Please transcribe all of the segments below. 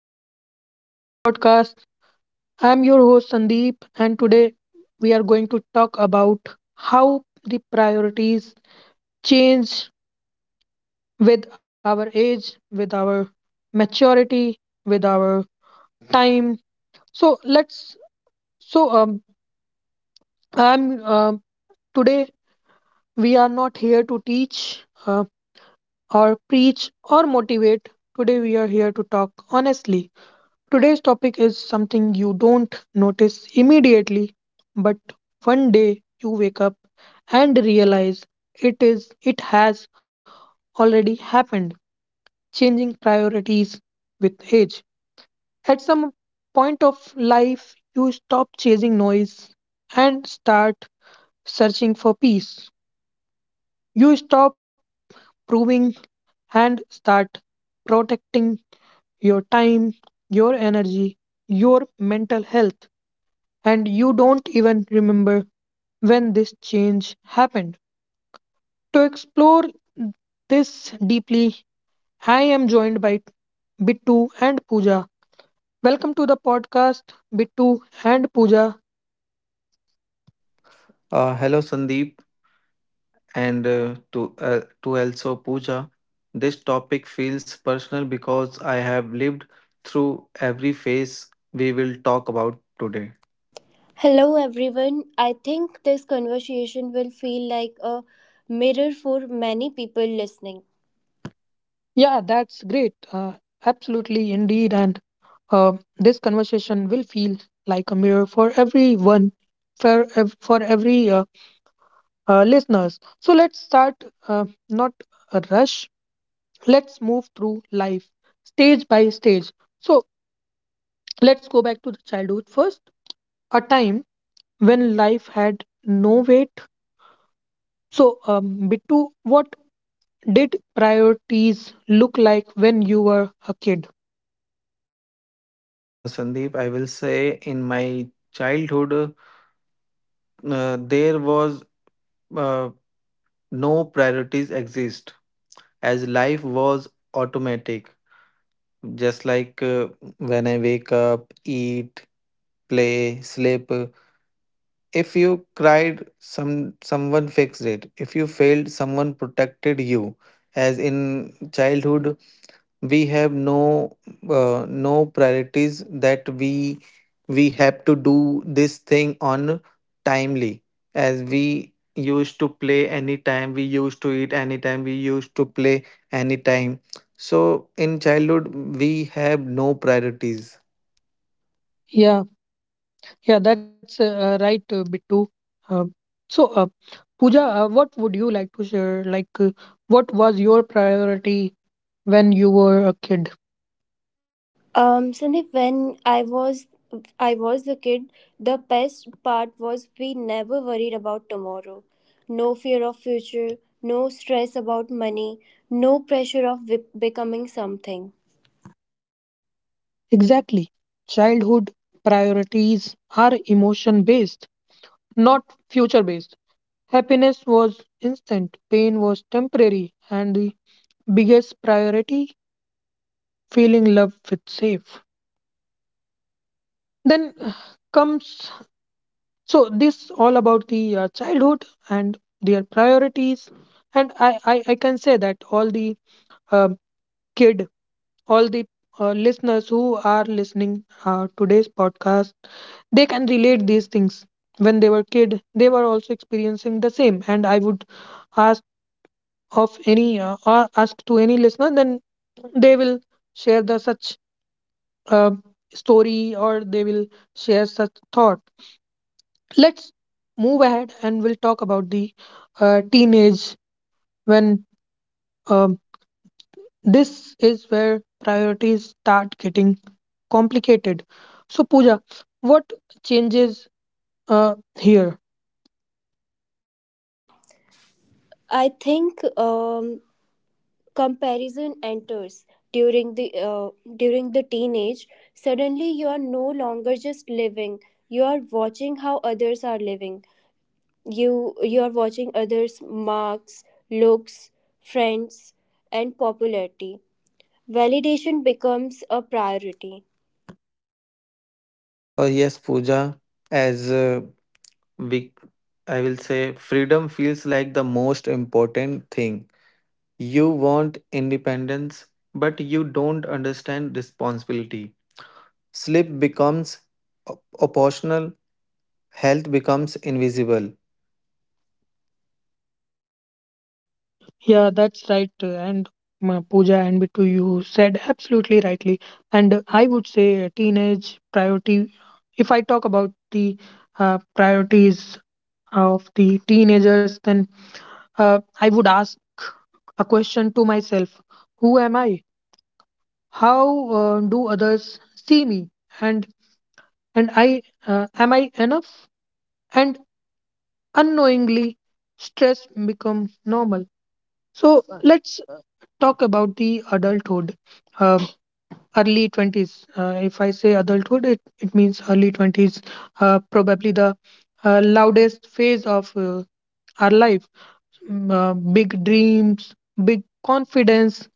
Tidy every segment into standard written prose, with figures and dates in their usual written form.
to the new podcast. I'm your host, Sandeep, and today we are going to talk about how the priorities change with our age, with our maturity, with our time. So, let's so I'm today we are not here to teach or preach or motivate. Today, we are here to talk honestly. Today's topic is something you don't notice immediately, but one day you wake up and realize it has already happened, changing priorities with age. At some point of life, you stop chasing noise and start searching for peace. You stop proving and start protecting your time, your energy, your mental health. And you don't even remember when this change happened. To explore this deeply, I am joined by Bittu and Pooja. Welcome to the podcast, Bittu and Pooja. Hello, Sandeep, and to also Pooja. This topic feels personal because I have lived through every phase we will talk about today. Hello, everyone. I think this conversation will feel like a mirror for many people listening. Yeah, that's great. Absolutely, indeed. And uh, this conversation will feel like a mirror for everyone, for every listeners. So let's start, not a rush. Let's move through life stage by stage. So let's go back to the childhood first, a time when life had no weight. So, Bittu, what did priorities look like when you were a kid? Sandeep, I will say in my childhood, there was uh, no priorities exist as life was automatic. Just like when I wake up, eat, play, sleep. If you cried, someone fixed it. If you failed, someone protected you. As in childhood, we have no priorities that we have to do this thing on timely, as we used to play anytime, we used to eat anytime, we used to play anytime. So in childhood we have no priorities. Yeah, yeah, that's right, Bittu. um, so uh, Pooja, what would you like to share, what was your priority when you were a kid? Sandeep, when I was a kid, the best part was we never worried about tomorrow. No fear of future, no stress about money, no pressure of becoming something. Exactly. Childhood priorities are emotion based, not future based. Happiness was instant, pain was temporary, and the biggest priority, feeling love with safe. Then comes so this all about the childhood and their priorities, and I can say that all the uh, kid, all the listeners who are listening today's podcast, they can relate these things. When they were kid, they were also experiencing the same, and I would ask ask to any listener, then they will share the such uh, story or they will share such thought. Let's move ahead and we'll talk about the teenage. When um, this is where priorities start getting complicated. So, Pooja, what changes here? I think um, comparison enters during the uh, during the teenage, suddenly you are no longer just living, you are watching how others are living, you you are watching others, marks, looks, friends, and popularity. Validation becomes a priority. Oh yes, Pooja. As we I will say freedom feels like the most important thing. You want independence but you don't understand responsibility. Sleep becomes op- optional, health becomes invisible. Yeah, that's right. And Pooja and Bittu, you said absolutely rightly. And I would say teenage priority. If I talk about the priorities of the teenagers, then I would ask a question to myself: Who am I? How do others see me? And and I am I enough? And unknowingly, stress become normal. So let's talk about the adulthood. Uh, Early 20s. If I say adulthood, it means early 20s, probably the loudest phase of our life. Big dreams, big confidence,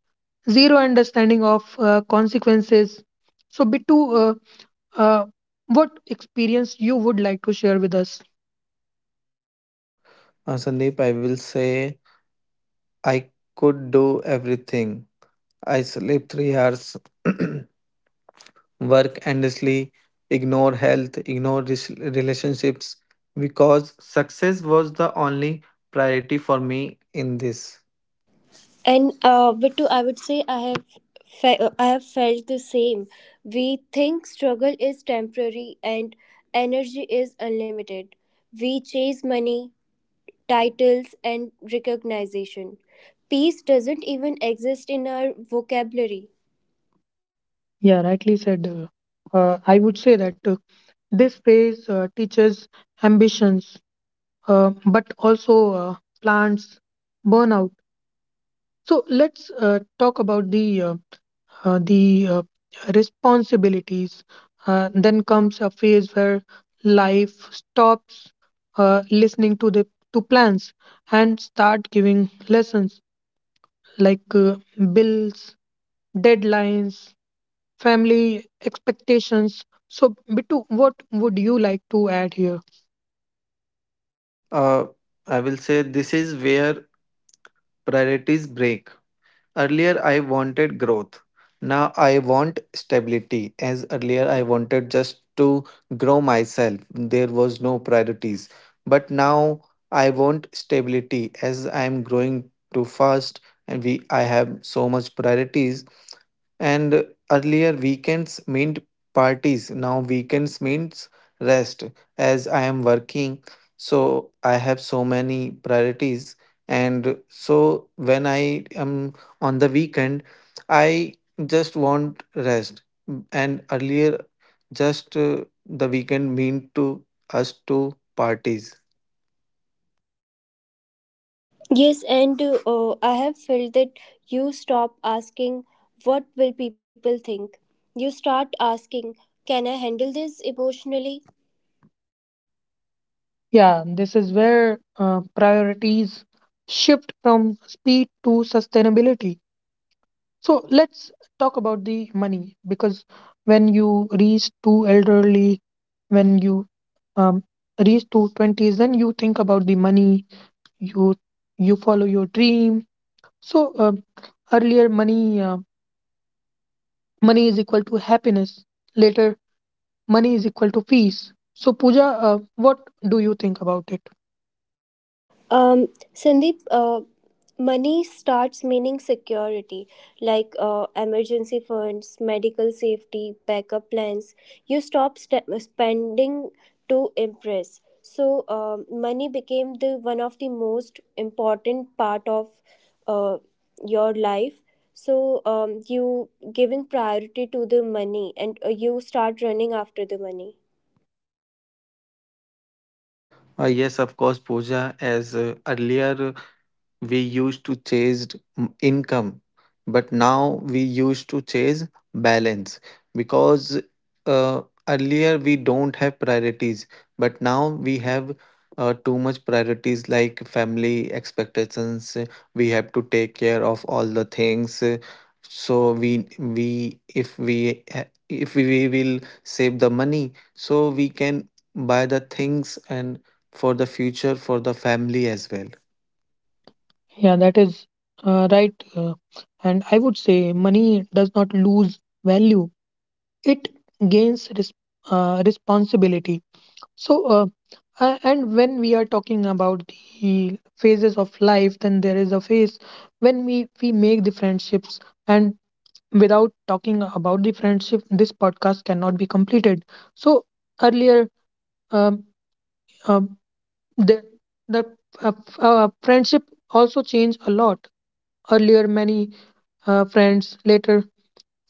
zero understanding of consequences. So, Bittu, uh, uh, what experience you would like to share with us? Sandeep, I will say I could do everything. I sleep 3 hours, work endlessly, ignore health, ignore relationships, because success was the only priority for me in this. And but to I would say I have I have felt the same. We think struggle is temporary and energy is unlimited. We chase money, titles, and recognition. Peace doesn't even exist in our vocabulary. Yeah, rightly said. I would say that this phase teaches ambitions, but also plants burnout. So let's talk about the uh, the uh, responsibilities. Then comes a phase where life stops listening to the to plans and start giving lessons, like bills, deadlines, family expectations. So Bittu, what would you like to add here? uh, I will say this is where priorities break. Earlier, I wanted growth. Now, I want stability. As earlier, I wanted just to grow myself. There was no priorities. But now, I want stability as I am growing too fast, and we I have so much priorities. And earlier, weekends meant parties. Now, weekends means rest as I am working. So, I have so many priorities. And so, when I am on the weekend I just want rest. And earlier just the weekend mean to us to parties. Yes, and I have felt that you stop asking, what will people think? You start asking, can I handle this emotionally? Yeah, this is where priorities shift from speed to sustainability. So let's talk about the money, because when you reach to elderly, when you um, reach to 20s, then you think about the money, you you follow your dream. So earlier money is equal to happiness. Later money is equal to peace. So Pooja, what do you think about it? Um, Sandeep, money starts meaning security, like emergency funds, medical safety, backup plans. You stop spending to impress. So, money became the one of the most important part of uh, your life. So, you giving priority to the money, and you start running after the money. Yes, of course, Pooja. As Earlier we used to chase income, but now we used to chase balance, because uh, earlier we don't have priorities, but now we have too much priorities like family expectations. We have to take care of all the things. Uh, so we we if we will save the money, so we can buy the things and for the future, for the family as well. Yeah, that is right. And I would say money does not lose value, it gains responsibility. So uh, uh, and when we are talking about the phases of life, then there is a phase when we make the friendships. And without talking about the friendship this podcast cannot be completed. So earlier, um, um, the the friendship also changed a lot. Earlier, many friends, later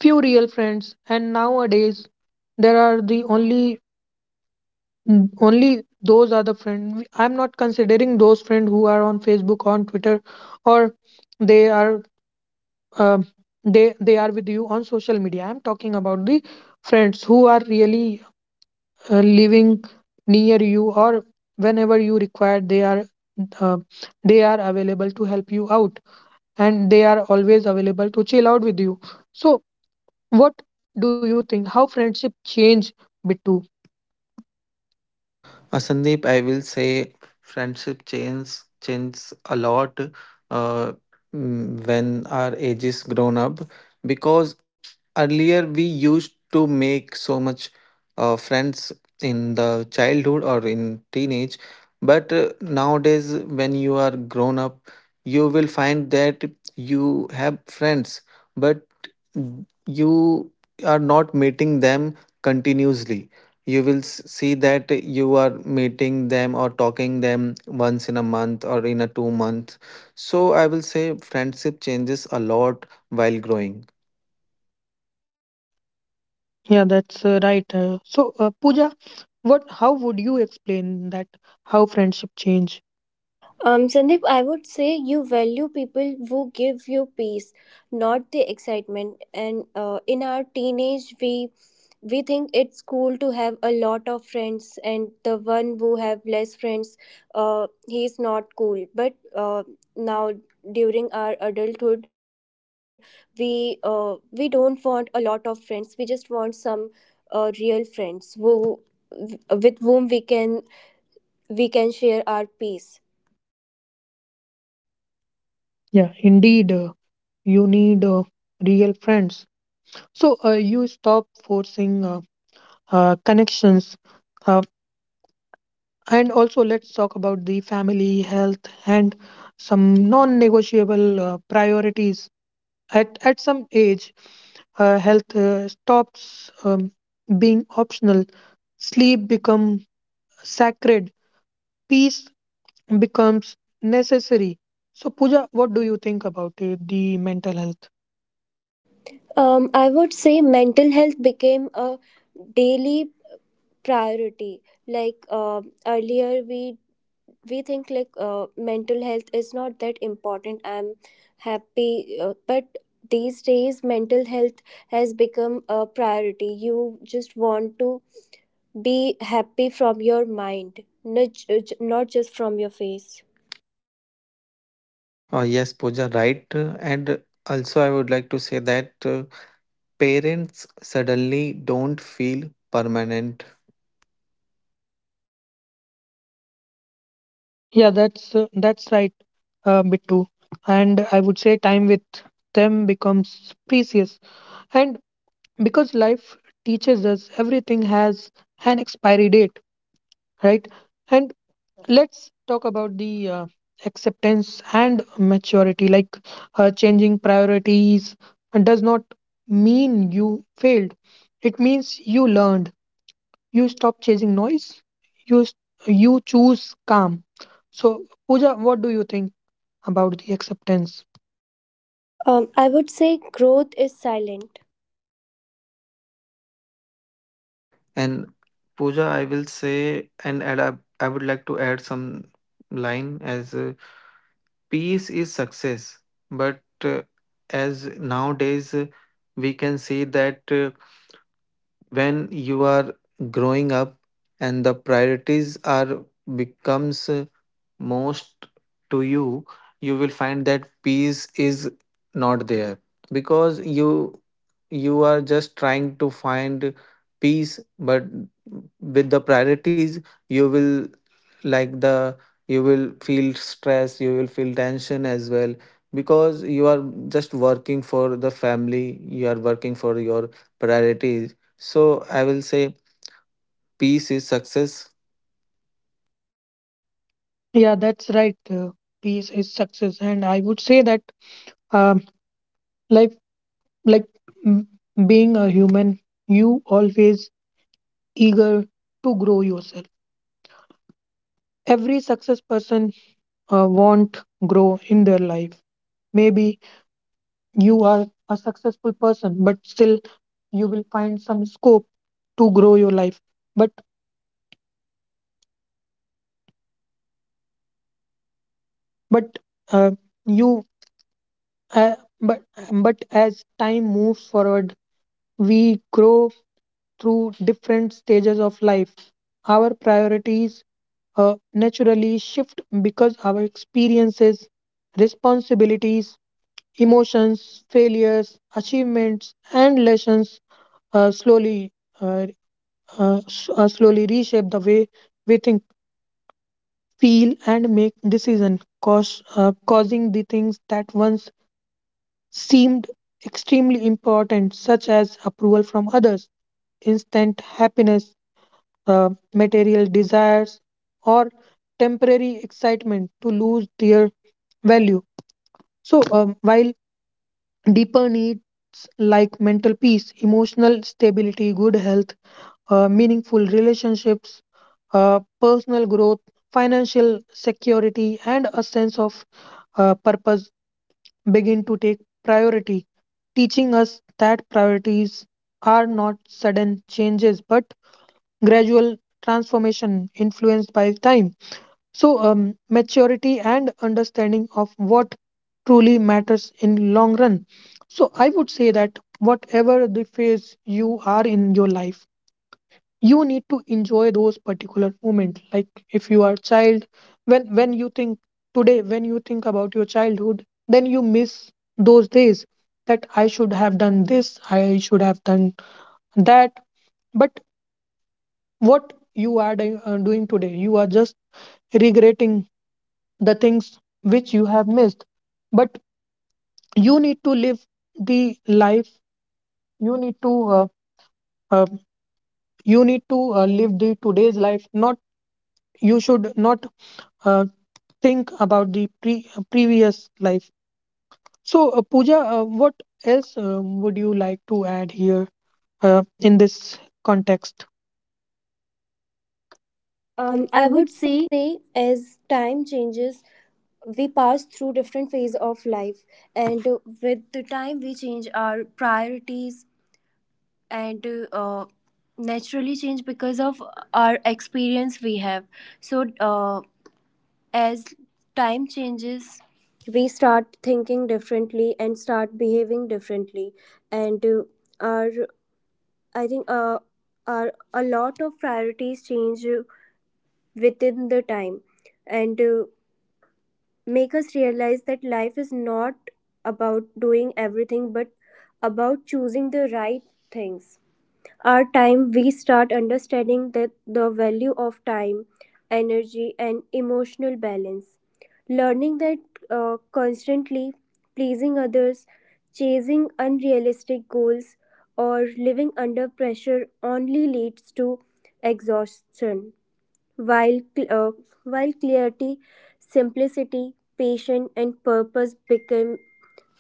few real friends, and nowadays there are the only. Only those are the friend. I'm not considering those friend who are on Facebook, on Twitter, or they are um they are with you on social media. I'm talking about the friends who are really living near you, or whenever you require, uh, they are available to help you out, and they are always available to chill out with you. So, what do you think? How friendship change, Bittu? Sandeep, I will say friendship changes a lot uh, when our age is grown up, because earlier we used to make so much friends in the childhood or in teenage, but nowadays when you are grown up, you will find that you have friends, but you are not meeting them continuously. You will see that you are meeting them or talking them once in a month or in a 2 month. So I will say friendship changes a lot while growing. Yeah, that's right. So, Pooja, what? How would you explain that? How friendship change? Sandeep, I would say you value people who give you peace, not the excitement. And in our teenage, we think it's cool to have a lot of friends, and the one who have less friends, he's not cool. But uh, now during our adulthood, we we don't want a lot of friends. We just want some real friends who with whom we can share our peace. Yeah, indeed, you need real friends. So you stop forcing connections, uh, and also let's talk about the family, health, and some non-negotiable priorities. At some age, health stops being optional. Sleep become sacred. Peace becomes necessary. So, Pooja, what do you think about it, the mental health? I would say mental health became a daily priority. Like earlier, we think like mental health is not that important. I'm happy, but these days mental health has become a priority. You just want to be happy from your mind, not just from your face. Yes, Pooja, right. And also I would like to say that parents suddenly don't feel permanent. Yeah, that's right, Bittu. And I would say time with them becomes precious, and because life teaches us everything has an expiry date, right? And let's talk about the acceptance and maturity. Changing priorities does not mean you failed; it means you learned. You stop chasing noise, you s- you choose calm. So, Pooja, what do you think about the acceptance? I would say growth is silent. And Pooja, I will say and, add. I would like to add some line as peace is success. But uh, as nowadays we can see that when you are growing up and the priorities are becomes most to you, you will find that peace is not there, because you are just trying to find peace, but with the priorities you will, like, the you will feel stress, you will feel tension as well, because you are just working for the family, you are working for your priorities. So I will say peace is success. Yeah, that's right. Peace is success, and I would say that, um, life, like mm, being a human, you always eager to grow yourself. Every success person want grow in their life. Maybe you are a successful person but still you will find some scope to grow your life. But But uh, you, uh, but but as time moves forward, we grow through different stages of life. Our priorities naturally shift because our experiences, responsibilities, emotions, failures, achievements, and lessons uh, slowly uh, slowly reshape the way we think, feel, and make decisions, causing the things that once seemed extremely important, such as approval from others, instant happiness, material desires, or temporary excitement, to lose their value. So, while deeper needs like mental peace, emotional stability, good health, meaningful relationships, personal growth, financial security, and a sense of purpose begin to take priority, teaching us that priorities are not sudden changes but gradual transformation influenced by time. So, maturity and understanding of what truly matters in long run. So, I would say that whatever the phase you are in your life, you need to enjoy those particular moments, like if you are a child. When when you think today when you think about your childhood, then you miss those days, that I should have done this, I should have done that. But what you are doing today, you are just regretting the things which you have missed. But you need to live the life. You need to uh, uh, live the today's life, not you should not uh, think about the previous life. So, Pooja, what else would you like to add here in this context? I I would would say as time changes, we pass through different phase of life, and with the time we change our priorities, and uh, naturally change because of our experience we have. So as time changes, we start thinking differently and start behaving differently, and our I think our a lot of priorities change within the time, and make us realize that life is not about doing everything but about choosing the right things. Our time, we start understanding that the value of time, energy, and emotional balance. Learning that constantly pleasing others, chasing unrealistic goals, or living under pressure only leads to exhaustion. While, cl- uh, while clarity, simplicity, patience, and purpose become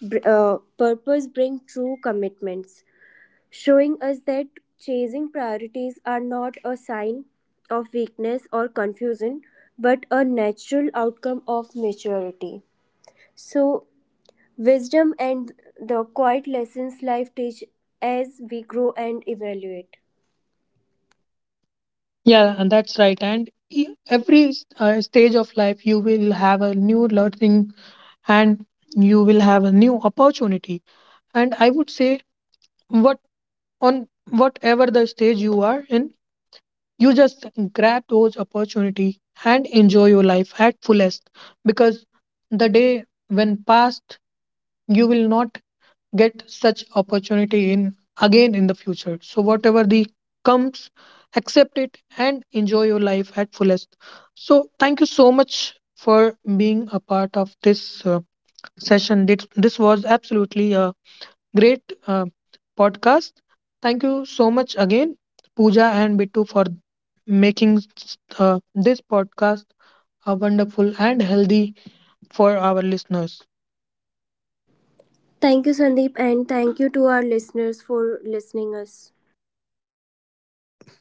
purpose bring true commitments, showing us that chasing priorities are not a sign of weakness or confusion, but a natural outcome of maturity. So, wisdom and the quiet lessons life teach as we grow and evaluate. Yeah, and that's right. And every stage of life, you will have a new learning and you will have a new opportunity. And I would say, what on whatever the stage you are in, you just grab those opportunity and enjoy your life at fullest, because the day when past, you will not get such opportunity in again in the future. So whatever the comes, accept it and enjoy your life at fullest. So thank you so much for being a part of this session. This was absolutely a great podcast. Thank you so much again, Pooja and Bittu, for making this podcast a wonderful and healthy for our listeners. Thank you, Sandeep, and thank you to our listeners for listening us.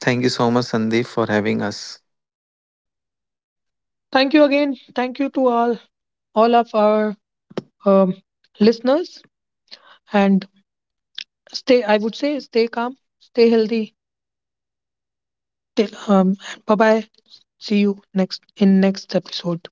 Thank you so much, Sandeep, for having us. Thank you again. Thank you to all of our um, listeners. And stay, I would say, stay calm, stay healthy. Till, bye bye. See you next in next episode.